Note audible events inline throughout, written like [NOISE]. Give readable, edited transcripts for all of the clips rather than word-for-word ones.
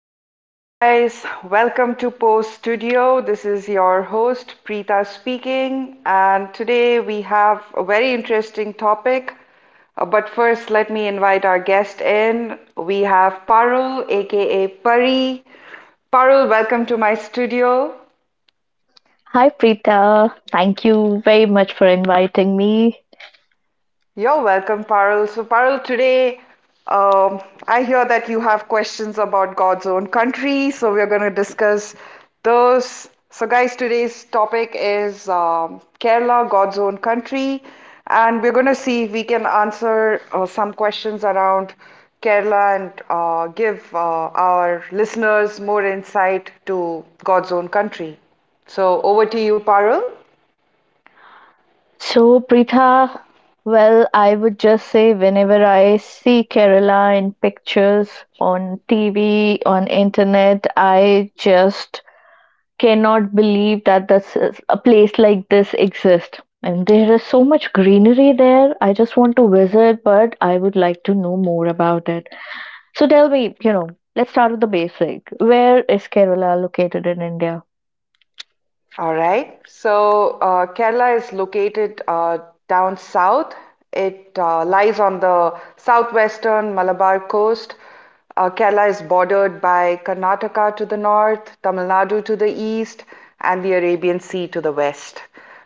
good evening, guys. Welcome to Post Studio. This is your host, Preeta speaking, and today we have a very interesting topic. But first, let me invite our guest in. We have Parul, aka Pari. Parul, welcome to my studio. Hi, Preetha. Thank you very much for inviting me. You're welcome, Parul. So, Parul, today um, I hear that you have questions about God's own country, so we're going to discuss those. So, guys, today's topic is Kerala, God's own country, and we're going to see if we can answer some questions around Kerala and give our listeners more insight to God's own country. So, over to you, Parul. So, Preetha, well, I would just say whenever I see Kerala in pictures on TV, on internet, I just cannot believe that a place like this exists. And there is so much greenery there. I just want to visit, but I would like to know more about it. So tell me, let's start with the basic. Where is Kerala located in India? All right. So Kerala is located down south. It lies on the southwestern Malabar coast. Kerala is bordered by Karnataka to the north, Tamil Nadu to the east, and the Arabian Sea to the west.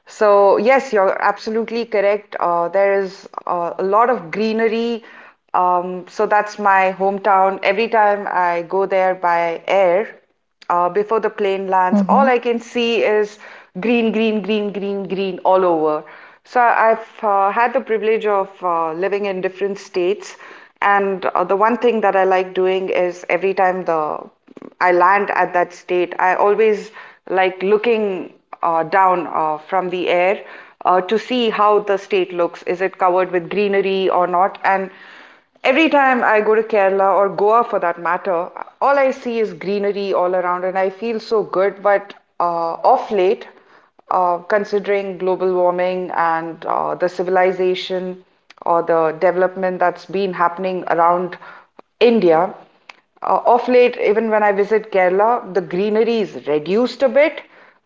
So, yes, you're absolutely correct. There is a lot of greenery. So, that's my hometown. Every time I go there by air, before the plane lands, Mm-hmm. all I can see is green, green, green, green, green all over. So, I've had the privilege of living in different states. And the one thing that I like doing is every time the I land at that state, I always like looking down from the air to see how the state looks. Is it covered with greenery or not? And every time I go to Kerala or Goa for that matter, all I see is greenery all around and I feel so good. But off late, considering global warming and the civilization or the development that's been happening around India, of late, even when I visit Kerala, the greenery is reduced a bit,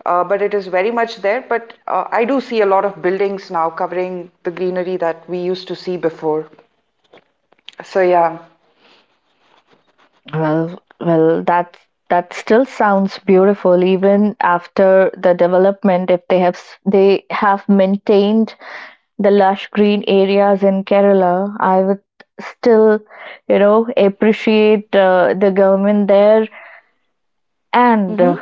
but it is very much there. But I do see a lot of buildings now covering the greenery that we used to see before. So yeah. Well, that still sounds beautiful even after the development if they have maintained the lush green areas in Kerala, I would still, you know, appreciate the government there and Mm-hmm.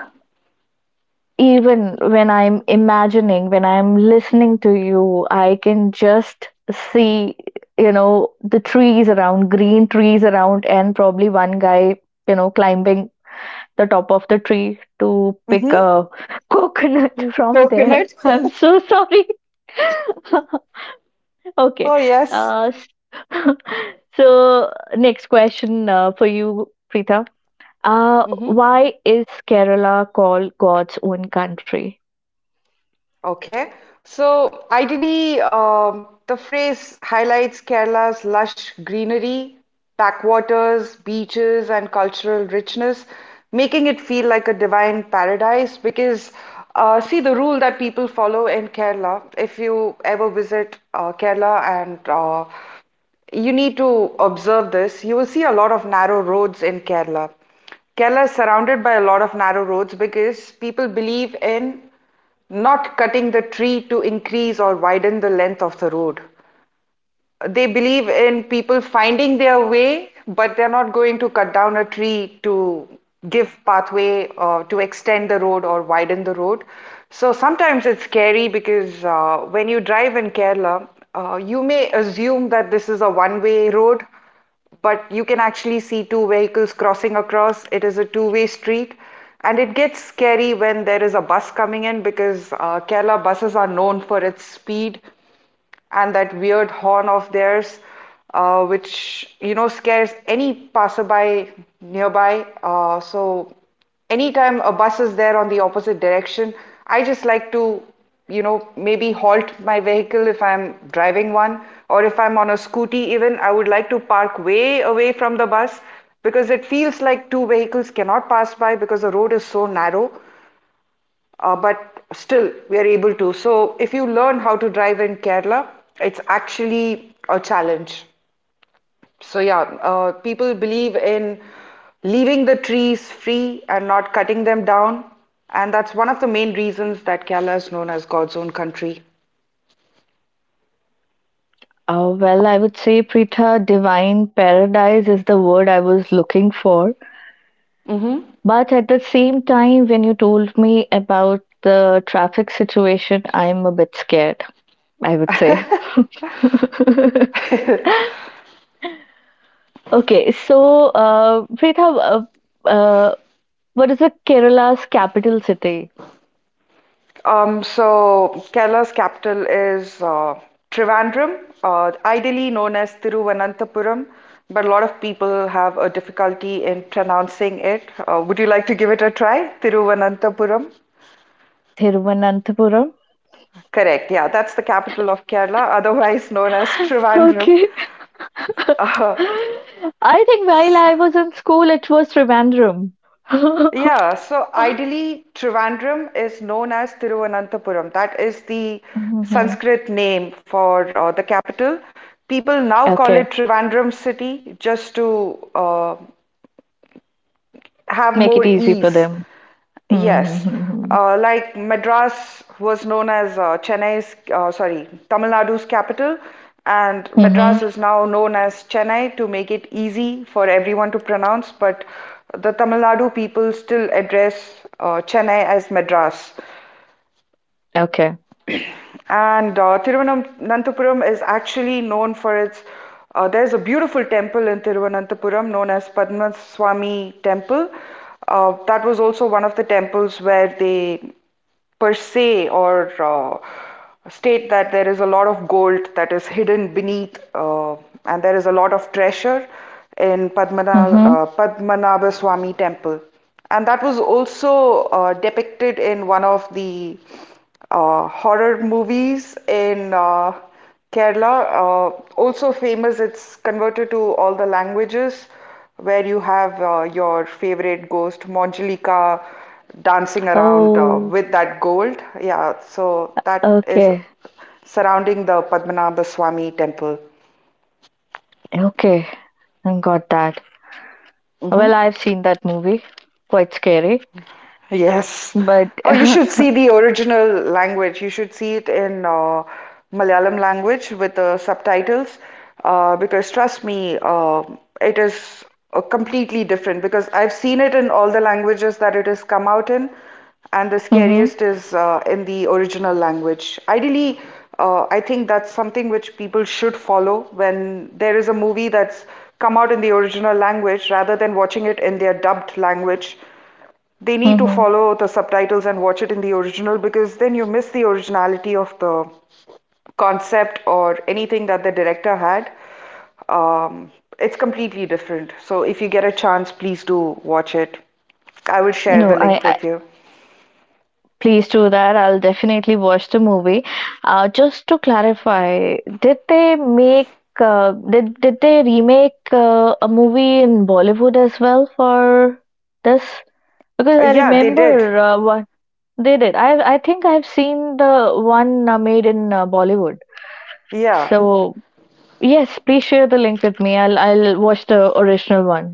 even when I'm imagining, when I'm listening to you, I can just see, you know, the trees around, green trees around and probably one guy climbing the top of the tree to pick Mm-hmm. a [LAUGHS] coconut from there. Coconut. I'm [LAUGHS] so sorry. [LAUGHS] Okay. Oh yes. Uh, s- [LAUGHS] so, next question for you, Preeta. Mm-hmm. Why is Kerala called God's own country? Okay. So ideally, the phrase highlights Kerala's lush greenery, backwaters, beaches, and cultural richness, making it feel like a divine paradise. Because see, the rule that people follow in Kerala, if you ever visit Kerala and you need to observe this. You will see a lot of narrow roads in Kerala. Kerala is surrounded by a lot of narrow roads because people believe in not cutting the tree to increase or widen the length of the road. They believe in people finding their way, but they're not going to cut down a tree to give pathway or to extend the road or widen the road. So sometimes it's scary because when you drive in Kerala, you may assume that this is a one-way road, but you can actually see two vehicles crossing across. It is a two-way street, and it gets scary when there is a bus coming in because Kerala buses are known for its speed and that weird horn of theirs, which you know scares any passerby nearby. So anytime a bus is there on the opposite direction, I just like to you know maybe halt my vehicle if I'm driving one, or if I'm on a scooty even I would like to park way away from the bus because it feels like two vehicles cannot pass by because the road is so narrow, but still we are able to. So if you learn how to drive in Kerala, it's actually a challenge. So yeah, people believe in leaving the trees free and not cutting them down, and that's one of the main reasons that Kerala is known as God's own country. Well, I would say, Pritha, divine paradise is the word I was looking for. Mm-hmm. But at the same time, when you told me about the traffic situation, I'm a bit scared, I would say. [LAUGHS] [LAUGHS] Okay, so Preetha, uh, what is the Kerala's capital city? So Kerala's capital is Trivandrum, ideally known as Thiruvananthapuram, but a lot of people have a difficulty in pronouncing it. Would you like to give it a try? Thiruvananthapuram? Thiruvananthapuram. Correct, yeah, that's the capital of Kerala, [LAUGHS] otherwise known as [LAUGHS] Trivandrum. Okay. [LAUGHS] I Uh, think while I was in school, it was Trivandrum. [LAUGHS] Yeah, so ideally, Trivandrum is known as Thiruvananthapuram. That is the Hmm. Sanskrit name for the capital. People now call Okay, it Trivandrum city just to have make it more easy for ease. them. Yes, Mm-hmm. Like Madras was known as Chennai's, sorry, Tamil Nadu's capital, and Madras Hmm. is now known as Chennai to make it easy for everyone to pronounce. But the Tamil Nadu people still address Chennai as Madras. Okay. And Thiruvananthapuram is actually known for its. There's a beautiful temple in Thiruvananthapuram known as Padmaswamy Temple. That was also one of the temples where they per se or state that there is a lot of gold that is hidden beneath and there is a lot of treasure in Hmm. Padmanabha Swami temple. And that was also depicted in one of the horror movies in Kerala, also famous, it's converted to all the languages where you have your favorite ghost, Manjalika, dancing around Oh, with that gold. Yeah, so that is okay. surrounding the Padmanabha Swami temple. Okay. I got that. Well, I've seen that movie. Quite scary, Yes. but Oh, you [LAUGHS] should see the original language. You should see it in Malayalam language with the subtitles because trust me, it is completely different because I've seen it in all the languages that it has come out in, and the hmm. scariest is in the original language. Ideally, I think that's something which people should follow when there is a movie that's come out in the original language rather than watching it in their dubbed language. They need to Hmm. follow the subtitles and watch it in the original because then you miss the originality of the concept or anything that the director had. Um, it's completely different. So if you get a chance, please do watch it. I will share the No, link I with you. please do that. I'll definitely watch the movie. Just to clarify, did they make uh, did they remake a movie in Bollywood as well for this? Because Uh, I yeah, they did. remember one they did. I think I've seen the one made in Bollywood. Yeah, So yes, please share the link with me. I'll watch the original one.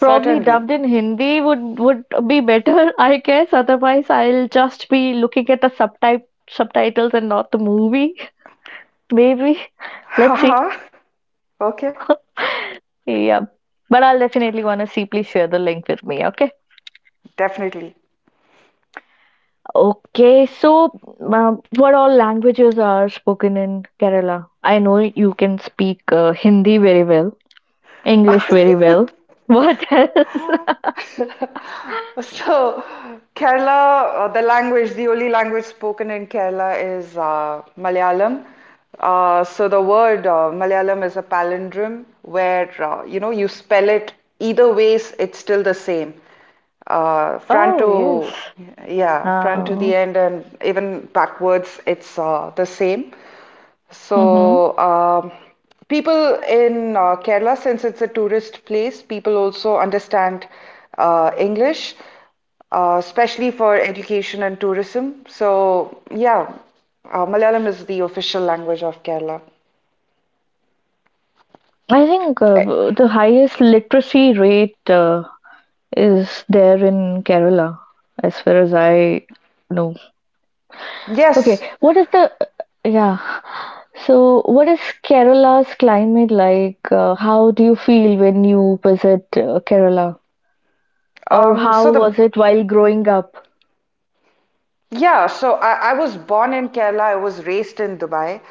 Probably dubbed in Hindi would be better, [LAUGHS] I guess. Otherwise, I'll just be looking at the subtitles and not the movie. [LAUGHS] Maybe. Let's see. Haha. [LAUGHS] Okay, [LAUGHS] Yeah. But I'll definitely want to see. Please share the link with me. Okay. definitely. Okay. So, what all languages are spoken in Kerala? I know you can speak Hindi very well, English very well. [LAUGHS] [LAUGHS] What else? [LAUGHS] So, Kerala, the only language spoken in Kerala is Malayalam. So the word Malayalam is a palindrome where you know you spell it either ways, it's still the same. [LAUGHS] Front Oh yes. to yeah, front to Uh, the end and even backwards, it's the same. So, people in Kerala, since it's a tourist place, people also understand English, especially for education and tourism. So, yeah, Malayalam is the official language of Kerala. I think Eh, the highest literacy rate is there in Kerala, as far as I know. Okay, Yes. what is the yeah? So, what is Kerala's climate like? How do you feel when you visit Kerala, or how So the was it while growing up? Yeah, so I was born in Kerala. I was raised in Dubai.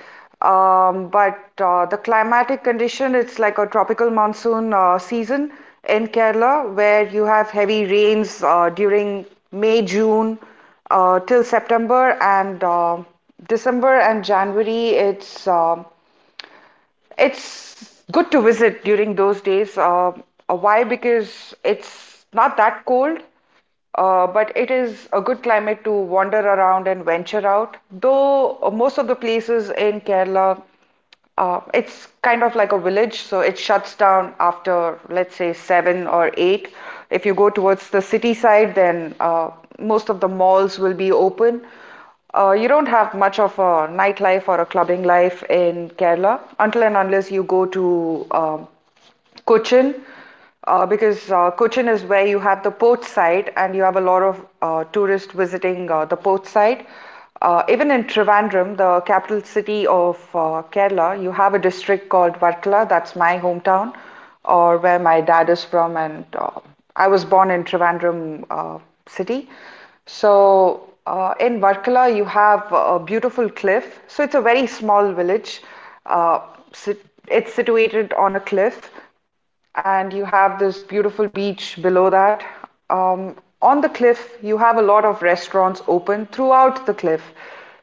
But the climatic condition, it's like a tropical monsoon season in Kerala, where you have heavy rains during May, June till September and December and January. It's good to visit during those days. Why? Because it's not that cold, but it is a good climate to wander around and venture out. Though most of the places in Kerala, it's kind of like a village, so it shuts down after, let's say, seven or eight. If you go towards the city side, then most of the malls will be open. You don't have much of a nightlife or a clubbing life in Kerala until and unless you go to Cochin, because Cochin is where you have the port side and you have a lot of tourists visiting the port side. Even in Trivandrum, the capital city of Kerala, you have a district called Varkala. That's my hometown, or where my dad is from, and I was born in Trivandrum city. So in Varkala, you have a beautiful cliff. So it's a very small village. Uh, it's situated on a cliff, and you have this beautiful beach below that. Um, on the cliff, you have a lot of restaurants open throughout the cliff.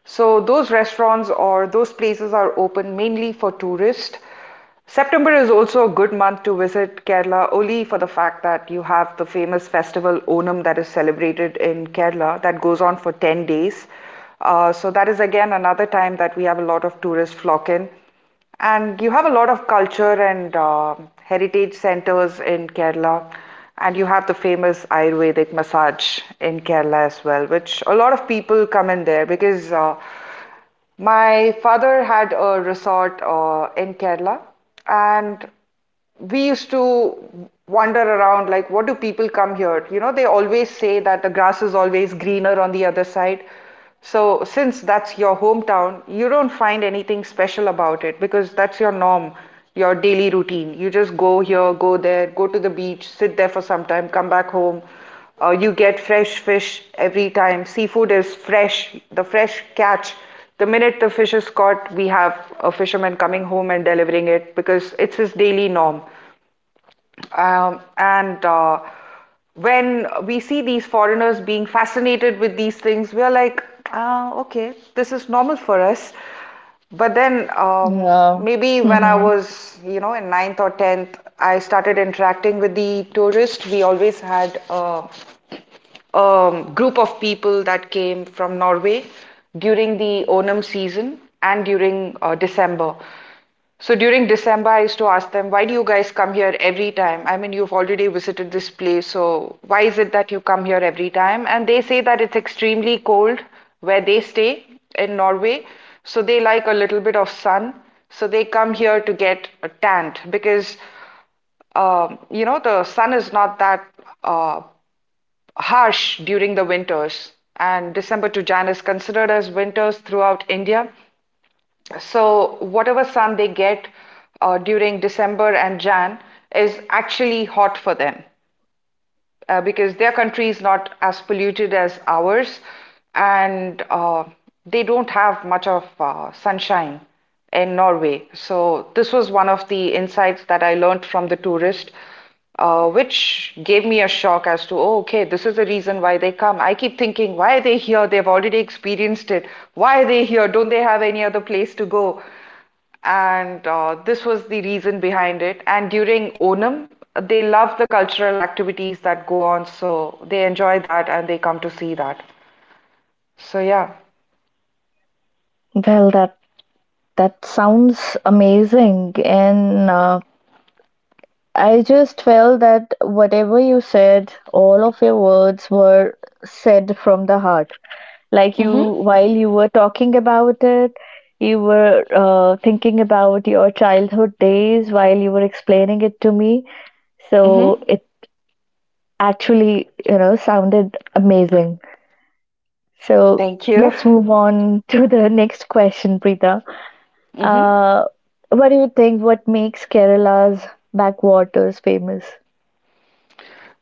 So those restaurants or those places are open mainly for tourists. September is also a good month to visit Kerala only for the fact that you have the famous festival Onam that is celebrated in Kerala that goes on for 10 days. So that is again another time that we have a lot of tourists flock in. And you have a lot of culture and heritage centers in Kerala. And you have the famous Ayurvedic massage in Kerala as well, which a lot of people come in there because my father had a resort in Kerala, and we used to wander around like, what do people come here? You know, they always say that the grass is always greener on the other side. So, since that's your hometown, you don't find anything special about it because that's your norm, your daily routine. You just go here, go there, go to the beach, sit there for some time, come back home. You get fresh fish every time. Seafood is fresh, the fresh catch the minute the fish is caught, we have a fisherman coming home and delivering it because it's his daily norm. And When we see these foreigners being fascinated with these things, we are like, ah, okay, this is normal for us. But then Yeah. maybe when I Hmm. was, you know, in ninth or tenth, I started interacting with the tourists. We always had group of people that came from Norway during the Onam season and during December. So during December, I used to ask them, why do you guys come here every time? I mean, you've already visited this place, so why is it that you come here every time? And they say that it's extremely cold where they stay in Norway, so they like a little bit of sun, so they come here to get tanned because you know the sun is not that uh, harsh during the winters, and December to Jan is considered as winters throughout India. So, whatever sun they get during December and Jan is actually hot for them because their country is not as polluted as ours, and they don't have much of sunshine in Norway. So this was one of the insights that I learned from the tourist, which gave me a shock as to, oh, okay, this is the reason why they come. I keep thinking, why are they here? They've already experienced it. Why are they here? Don't they have any other place to go? And this was the reason behind it. And during Onam, they love the cultural activities that go on, so they enjoy that and they come to see that. So yeah. Well, that sounds amazing, and I just felt that whatever you said, all of your words were said from the heart. Like Mhm. you, while you were talking about it, you were thinking about your childhood days while you were explaining it to me. So Mhm. it actually, you know, sounded amazing. So Thank you. let's move on [LAUGHS] to the next question, Preeta. Mhm. Uh, what do you think? What makes Kerala's backwaters famous?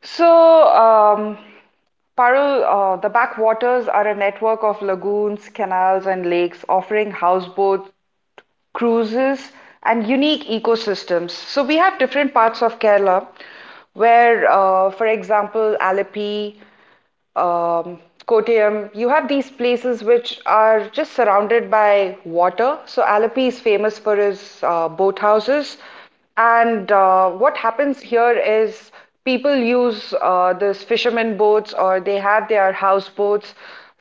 So, Parul, the backwaters are a network of lagoons, canals, and lakes offering houseboat cruises, and unique ecosystems. So we have different parts of Kerala where, for example, Alappi, um, Kottayam, you have these places which are just surrounded by water. So Alappi is famous for his boat houses, and what happens here is people use these fishermen boats or they have their houseboats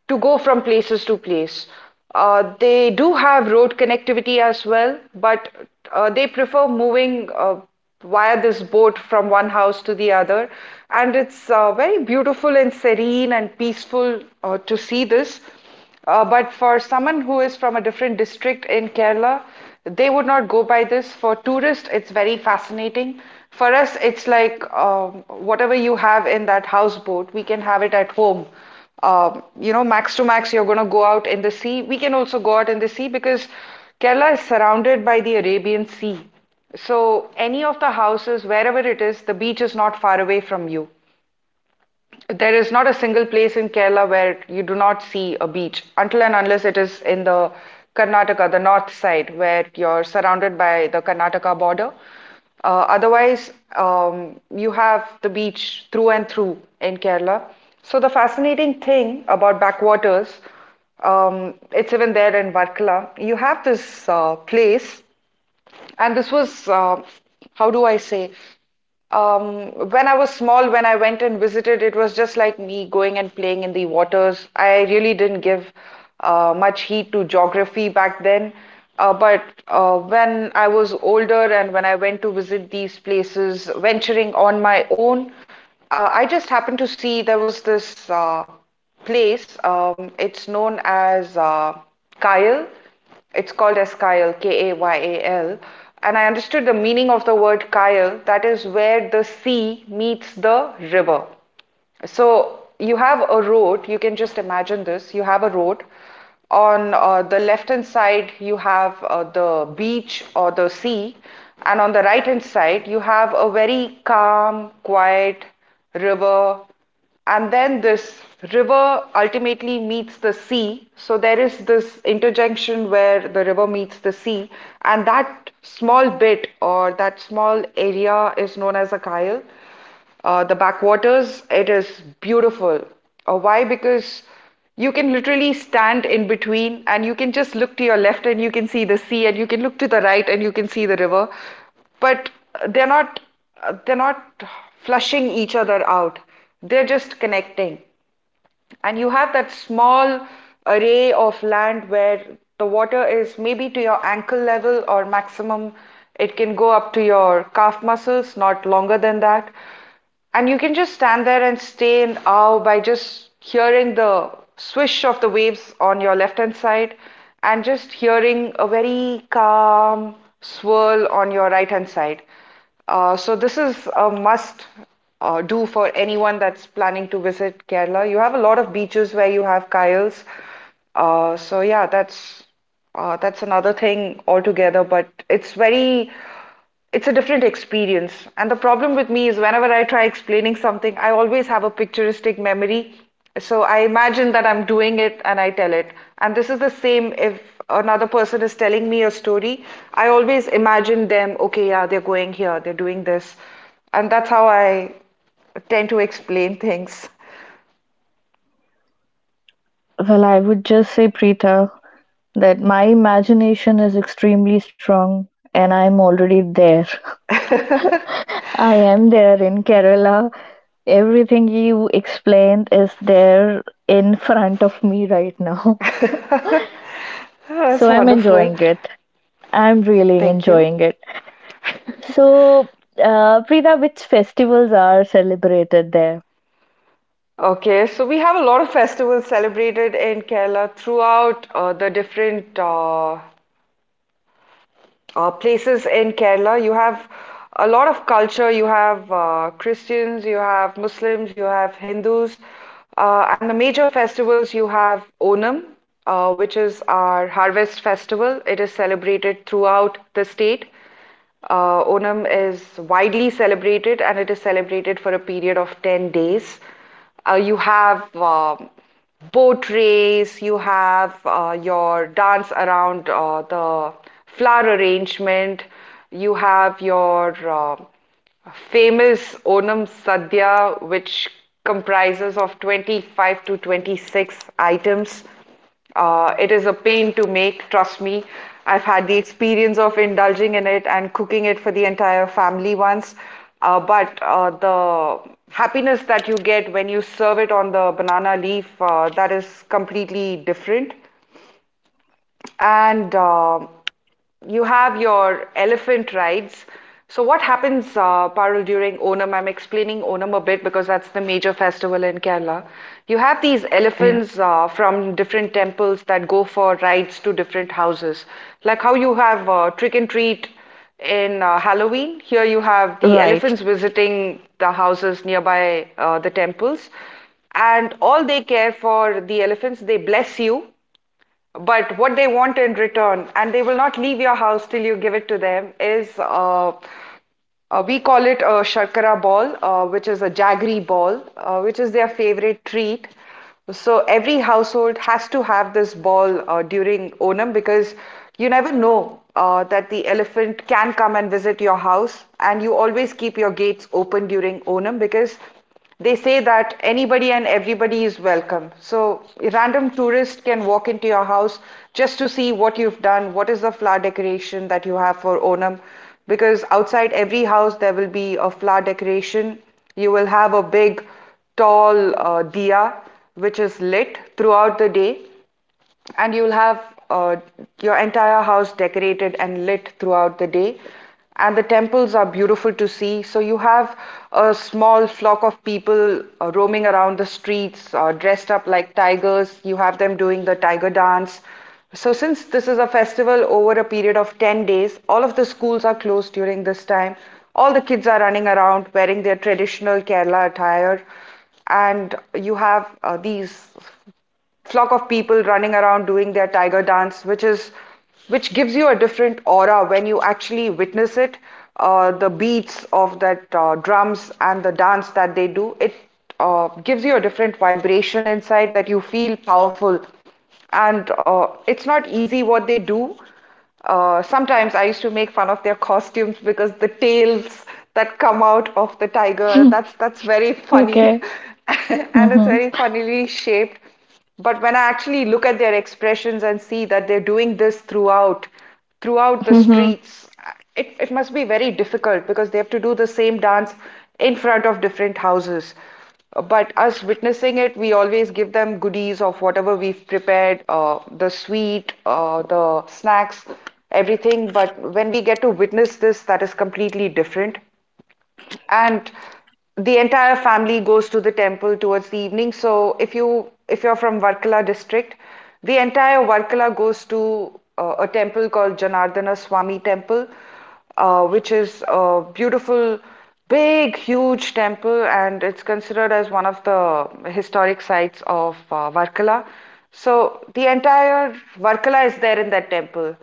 to go from places to place. They do have road connectivity as well, but they prefer moving via this boat from one house to the other. And it's very beautiful and serene and peaceful to see this. But for someone who is from a different district in Kerala, they would not go by this. For tourists, it's very fascinating. For us, it's like whatever you have in that houseboat, we can have it at home. You know, max to max, you're going to go out in the sea. We can also go out in the sea because Kerala is surrounded by the Arabian Sea. So, any of the houses, wherever it is, the beach is not far away from you. There is not a single place in Kerala where you do not see a beach until and unless it is in the Karnataka, the north side, where you're surrounded by the Karnataka border. Otherwise, you have the beach through and through in Kerala. So the fascinating thing about backwaters, it's even there in Varkala. You have this place and this was, how do I say? When I was small, when I went and visited, it was just like me going and playing in the waters. I really didn't give much heed to geography back then. But when I was older and when I went to visit these places, venturing on my own, I just happened to see there was this place. It's known as Kyle. It's called as Kayal, K A Y A L. And I understood the meaning of the word Kayal, that is where the sea meets the river. So you have a road, you can just imagine this. You have a road. On the left hand side, you have the beach or the sea. And on the right hand side, you have a very calm, quiet river. And then this river ultimately meets the sea. So there is this interjunction where the river meets the sea. And that small bit or that small area is known as a kyle the backwaters. It is beautiful. Why? Because you can literally stand in between and you can just look to your left and you can see the sea, and you can look to the right and you can see the river. But they're not they're not flushing each other out. They're just connecting and you have that small array of land where the water is maybe to your ankle level or maximum it can go up to your calf muscles not longer than that and you can just stand there and stay in awe by just hearing the swish of the waves on your left hand side and just hearing a very calm swirl on your right hand side so this is a must do for anyone that's planning to visit Kerala. You have a lot of beaches where you have kyles. So yeah, that's another thing altogether, but it's a different experience. And the problem with me is whenever I try explaining something, I always have a picturistic memory so I imagine that I'm doing it and I tell it. And this is the same if another person is telling me a story, I always imagine them, okay, yeah, they're going here, they're doing this. And that's how I tend to explain things. Well, I would just say, Preeta, that my imagination is extremely strong and I'm already there. [LAUGHS] I am there in Kerala. Everything you explained is there in front of me right now. [LAUGHS] That's So I'm wonderful. enjoying it. I'm really Thank you. enjoying it. [LAUGHS] So, Preeta, which festivals are celebrated there? Okay, so we have a lot of festivals celebrated in Kerala throughout the different places in Kerala. You have a lot of culture. You have Christians, you have Muslims, you have Hindus, and the major festivals you have Onam, which is our harvest festival. It is celebrated throughout the state. Onam is widely celebrated and it is celebrated for a period of 10 days. You have boat race, you have your dance around the flower arrangement, you have your famous Onam Sadhya, which comprises of 25 to 26 items. It is a pain to make, trust me. I've had the experience of indulging in it and cooking it for the entire family once. But the happiness that you get when you serve it on the banana leaf, that is completely different. And you have your elephant rides. So, what happens, Parul, during Onam? I'm explaining Onam a bit because that's the major festival in Kerala. You have these Yeah. elephants from different temples that go for rides to different houses. Like how you have trick and treat in Halloween, here you have the Right. elephants visiting the houses nearby the temples. And all they care for the elephants, they bless you but what they want in return, and they will not leave your house till you give it to them, is we call it a sharkara ball, which is a jaggery ball, which is their favorite treat. So every household has to have this ball during Onam because you never know that the elephant can come and visit your house, and you always keep your gates open during Onam because they say that anybody and everybody is welcome. So a random tourist can walk into your house just to see what you've done, what is the flower decoration that you have for Onam. Because outside every house there will be a flower decoration. You will have a big, tall diya which is lit throughout the day, and you'll have uh, your entire house decorated and lit throughout the day and the temples are beautiful to see so you have a small flock of people roaming around the streets dressed up like tigers you have them doing the tiger dance so since this is a festival over a period of 10 days all of the schools are closed during this time all the kids are running around wearing their traditional Kerala attire and you have these flock of people running around doing their tiger dance, which gives you a different aura when you actually witness it. The beats of that drums and the dance that they do, it gives you a different vibration inside that you feel powerful and it's not easy what they do sometimes I used to make fun of their costumes because the tails that come out of the tiger, [LAUGHS] that's very funny Okay. [LAUGHS] and it's Mm-hmm. very funnily shaped. But when I actually look at their expressions and see that they're doing this throughout, throughout the Hmm. streets, it must be very difficult because they have to do the same dance in front of different houses. But us witnessing it, we always give them goodies of whatever we've prepared the sweet, the snacks, everything. But when we get to witness this, that is completely different and the entire family goes to the temple towards the evening. So if you're from Varkala district, the entire Varkala goes to a temple called Janardana Swami Temple, which is a beautiful, big, huge temple, and it's considered as one of the historic sites of Varkala. So the entire Varkala is there in that temple.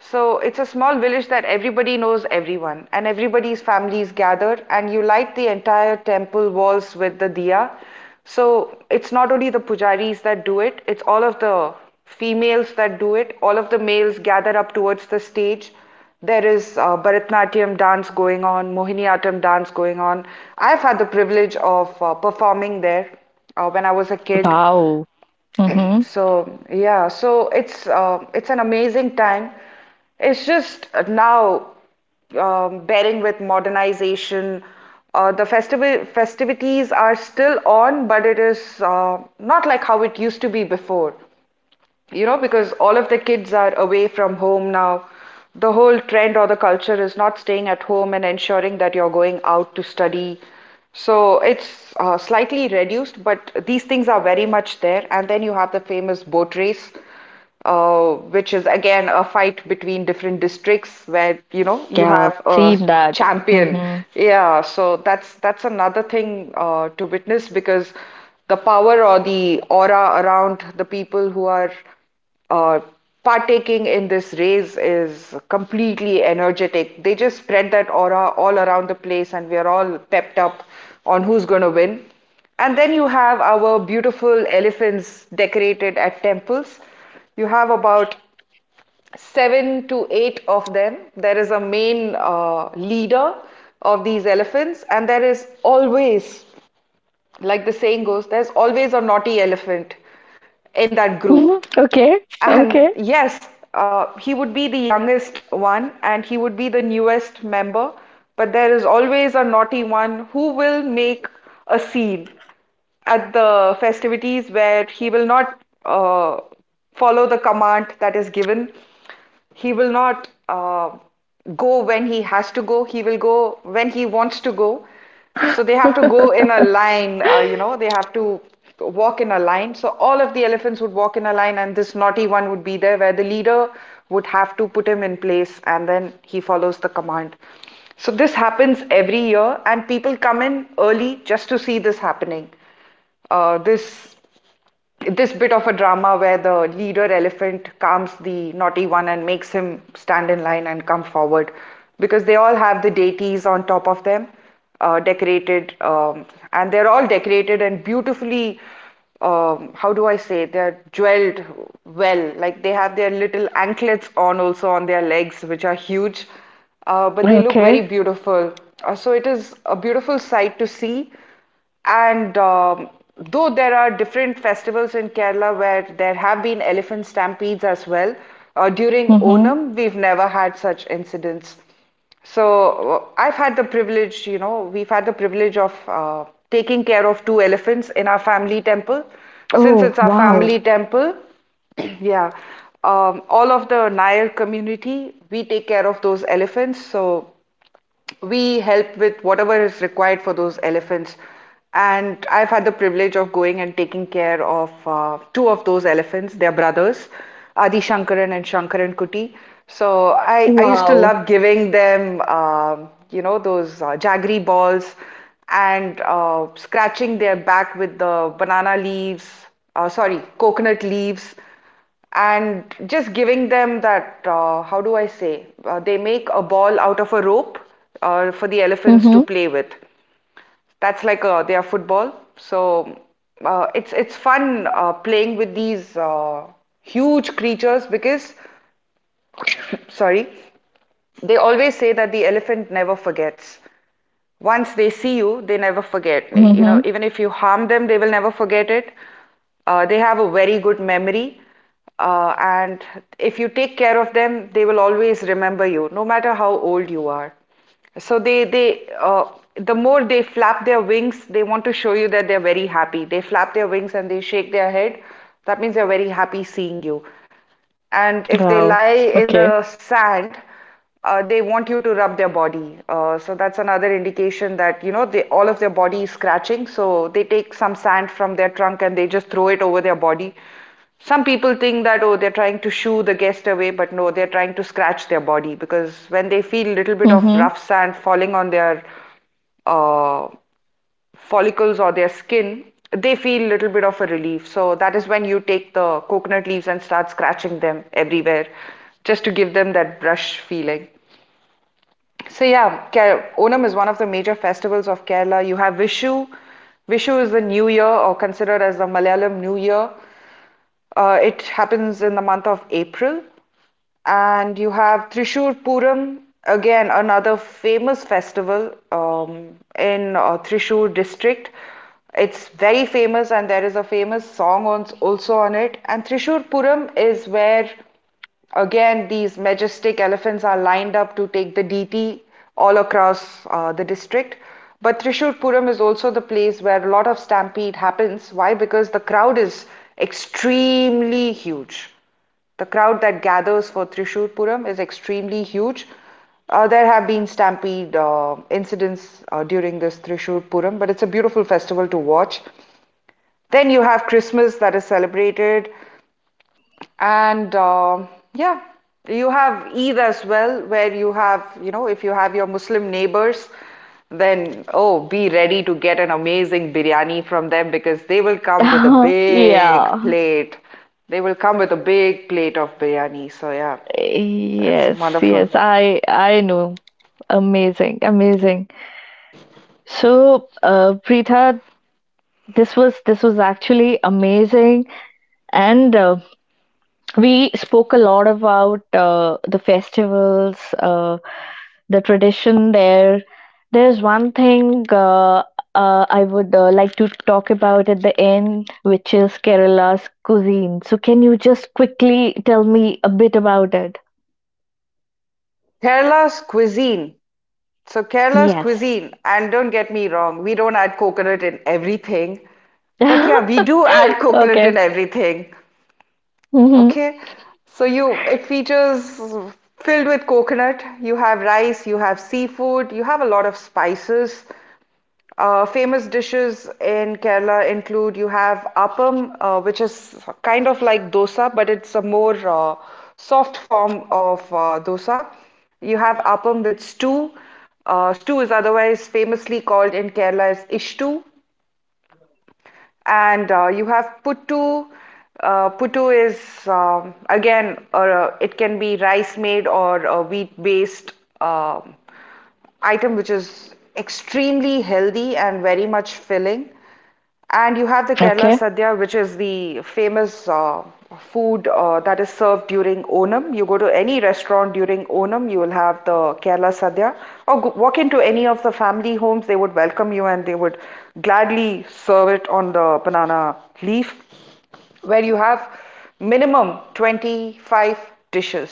So it's a small village that everybody knows everyone, and everybody's families gather, and you light the entire temple walls with the diya. So it's not only the pujaris that do it, it's all of the females that do it. All of the males gather up towards the stage. There is Bharatnatyam dance going on, Mohiniyattam dance going on. I've had the privilege of performing there when I was a kid. Wow. Mm-hmm. So yeah, so it's an amazing time. It's just now bearing with modernization. The festivities are still on, but it is not like how it used to be before, because all of the kids are away from home now, the whole trend or the culture is not staying at home and ensuring that you're going out to study, so it's slightly reduced, but these things are very much there. And then you have the famous boat race, which is again a fight between different districts where you know you Yeah, have a seen that. champion. Mm-hmm. Yeah, so that's another thing to witness because the power or the aura around the people who are uh, partaking in this race is completely energetic. They just spread that aura all around the place, and we are all pepped up on who's going to win. And then you have our beautiful elephants decorated at temples. You have about seven to eight of them. There is a main leader of these elephants, and there is always, like the saying goes, there's always a naughty elephant in that [LAUGHS] group. Mhm. Okay. And Okay. yes, he would be the youngest one and he would be the newest member, but there is always a naughty one who will make a scene at the festivities where he will not uh, follow the command that is given. He will not go when he has to go. He will go when he wants to go. So they have to go in [LAUGHS] a line, you know, they have to walk in a line. So all of the elephants would walk in a line, and this naughty one would be there where the leader would have to put him in place and then he follows the command. So this happens every year, and people come in early just to see this happening. Uh, this this bit of a drama where the leader elephant calms the naughty one and makes him stand in line and come forward, because they all have the deities on top of them, decorated, and they're all decorated and beautifully how do I say, they're jeweled, well, like they have their little anklets on also on their legs which are huge, but they look very Okay. beautiful. So it is a beautiful sight to see. And though there are different festivals in Kerala where there have been elephant stampedes as well, during Mm-hmm. Onam, we've never had such incidents. So I've had the privilege, you know, we've had the privilege of taking care of two elephants in our family temple. Since Oh, it's our wow. family temple, [CLEARS THROAT] yeah, all of the Nair community, we take care of those elephants. So we help with whatever is required for those elephants. And I've had the privilege of going and taking care of two of those elephants. They're brothers, Adi Shankaran and Shankaran Kuti. So I used to Wow. love giving them, those jaggery balls and scratching their back with the banana leaves, sorry, coconut leaves, and just giving them that how do I say they make a ball out of a rope for the elephants to Mm-hmm. play with. That's like a, their football. So it's fun playing with these huge creatures because, sorry, they always say that the elephant never forgets. Once they see you, they never forget. You Mm-hmm. know, even if you harm them, they will never forget it. They have a very good memory, and if you take care of them, they will always remember you, no matter how old you are. So the more they flap their wings, they want to show you that they're very happy. They flap their wings and they shake their head. That means they're very happy seeing you. And if they lie in the Wow. sand, Okay. They want you to rub their body. So that's another indication that you know, they, all of their body is scratching. So they take some sand from their trunk and they just throw it over their body. Some people think that, oh, they're trying to shoo the guest away, but no, they're trying to scratch their body because when they feel a little bit of rough sand Mm-hmm. falling on their uh, follicles or their skin, they feel a little bit of a relief. So that is when you take the coconut leaves and start scratching them everywhere just to give them that brush feeling. So yeah, Onam is one of the major festivals of Kerala. You have Vishu. Vishu is the new year, or considered as the Malayalam New Year. It happens in the month of April. And you have Thrissur Puram, again another famous festival in Trishur district. It's very famous, and there is a famous song on, also on it. And Thrissur Puram is where, again, these majestic elephants are lined up to take the DT all across the district. But Thrissur Puram is also the place where a lot of stampede happens. Why? Because the crowd is extremely huge. The crowd that gathers for Thrissur Puram is extremely huge. There have been stampede incidents during this Thrissur Puram, but it's a beautiful festival to watch. Then you have Christmas that is celebrated, and yeah, you have Eid as well, where you have, you know, if you have your Muslim neighbors, then, oh, be ready to get an amazing biryani from them because they will come with a [LAUGHS] big Yeah. plate. They will come with a big plate of biryani. So yeah, that's Yes, wonderful. yes, I know. Amazing, amazing. So, Preetha, this was actually amazing, and we spoke a lot about the festivals, the tradition there. There's one thing I would like to talk about at the end, which is Kerala's cuisine. So, can you just quickly tell me a bit about it? Kerala's cuisine. So Kerala's Yes. cuisine, and don't get me wrong, we don't add coconut in everything. But yeah, [LAUGHS] we do add coconut Okay. in everything. Hmm. Okay, so you, it features, filled with coconut. You have rice, you have seafood, you have a lot of spices. Famous dishes in Kerala include, you have appam, which is kind of like dosa, but it's a more soft form of dosa. You have appam with stew. Stew is otherwise famously called in Kerala as ishtu. And you have puttu. Puttu is again, or it can be rice made or a wheat-based um, item, which is extremely healthy and very much filling. And you have the Kerala Okay. Sadhya, which is the famous food that is served during Onam. You go to any restaurant during Onam, you will have the Kerala Sadhya. Or go, walk into any of the family homes, they would welcome you and they would gladly serve it on the banana leaf, where you have minimum 25 dishes,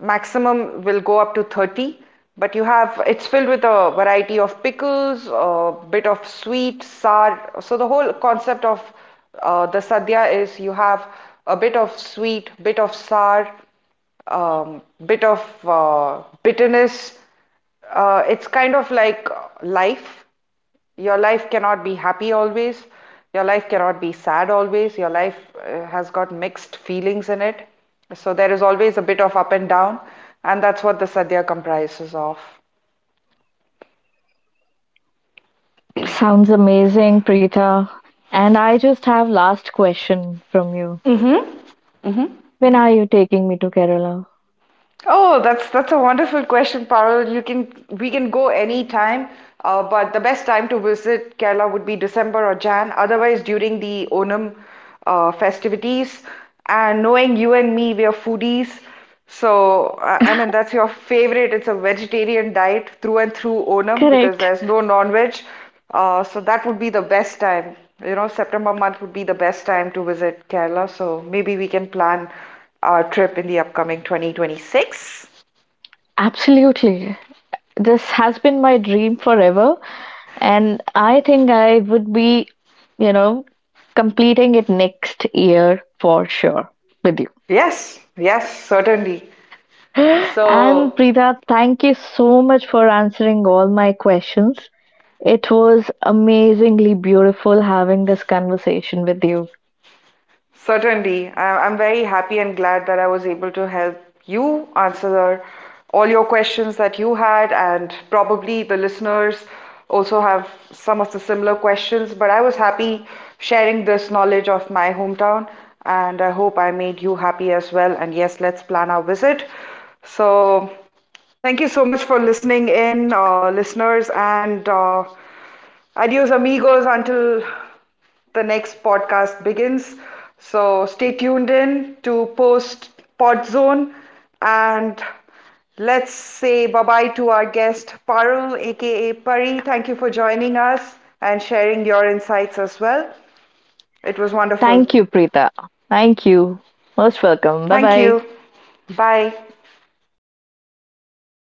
maximum will go up to 30. But you have, it's filled with a variety of pickles, a bit of sweet, sour. So the whole concept of the sadhya is, you have a bit of sweet, bit of sour, bit of uh, bitterness. It's kind of like life. Your life cannot be happy always, your life cannot be sad always, your life has got mixed feelings in it. So there is always a bit of up and down, and that's what the sadhya comprises of. Sounds amazing, Preeta. And I just have last question from you. When are you taking me to Kerala? Oh, that's a wonderful question, Parul. You can, we can go anytime, but the best time to visit Kerala would be December or Jan. Otherwise, during the Onam festivities. And knowing you and me, we are foodies, so I mean [LAUGHS] that's your favorite. It's a vegetarian diet through and through Onam Correct. because there's no non-veg. So that would be the best time. You know, September month would be the best time to visit Kerala. So maybe we can plan our trip in the upcoming 2026. Absolutely. This has been my dream forever. And I think I would be, you know, completing it next year for sure with you. Yes, yes, certainly. And So Preeta, thank you so much for answering all my questions. It was amazingly beautiful having this conversation with you. certainly. I- I'm very happy and glad that I was able to help you answer the- all your questions that you had, and probably the listeners also have some of the similar questions. But I was happy sharing this knowledge of my hometown, and I hope I made you happy as well. And yes, let's plan our visit. So, thank you so much for listening in, listeners, and Adios, amigos, until the next podcast begins. So stay tuned in to post pod zone, and let's say bye bye to our guest Parul, aka Pari. Thank you for joining us and sharing your insights as well. It was wonderful. Thank you, Preeta. Thank you. Most welcome. Bye Thank you. bye. Bye.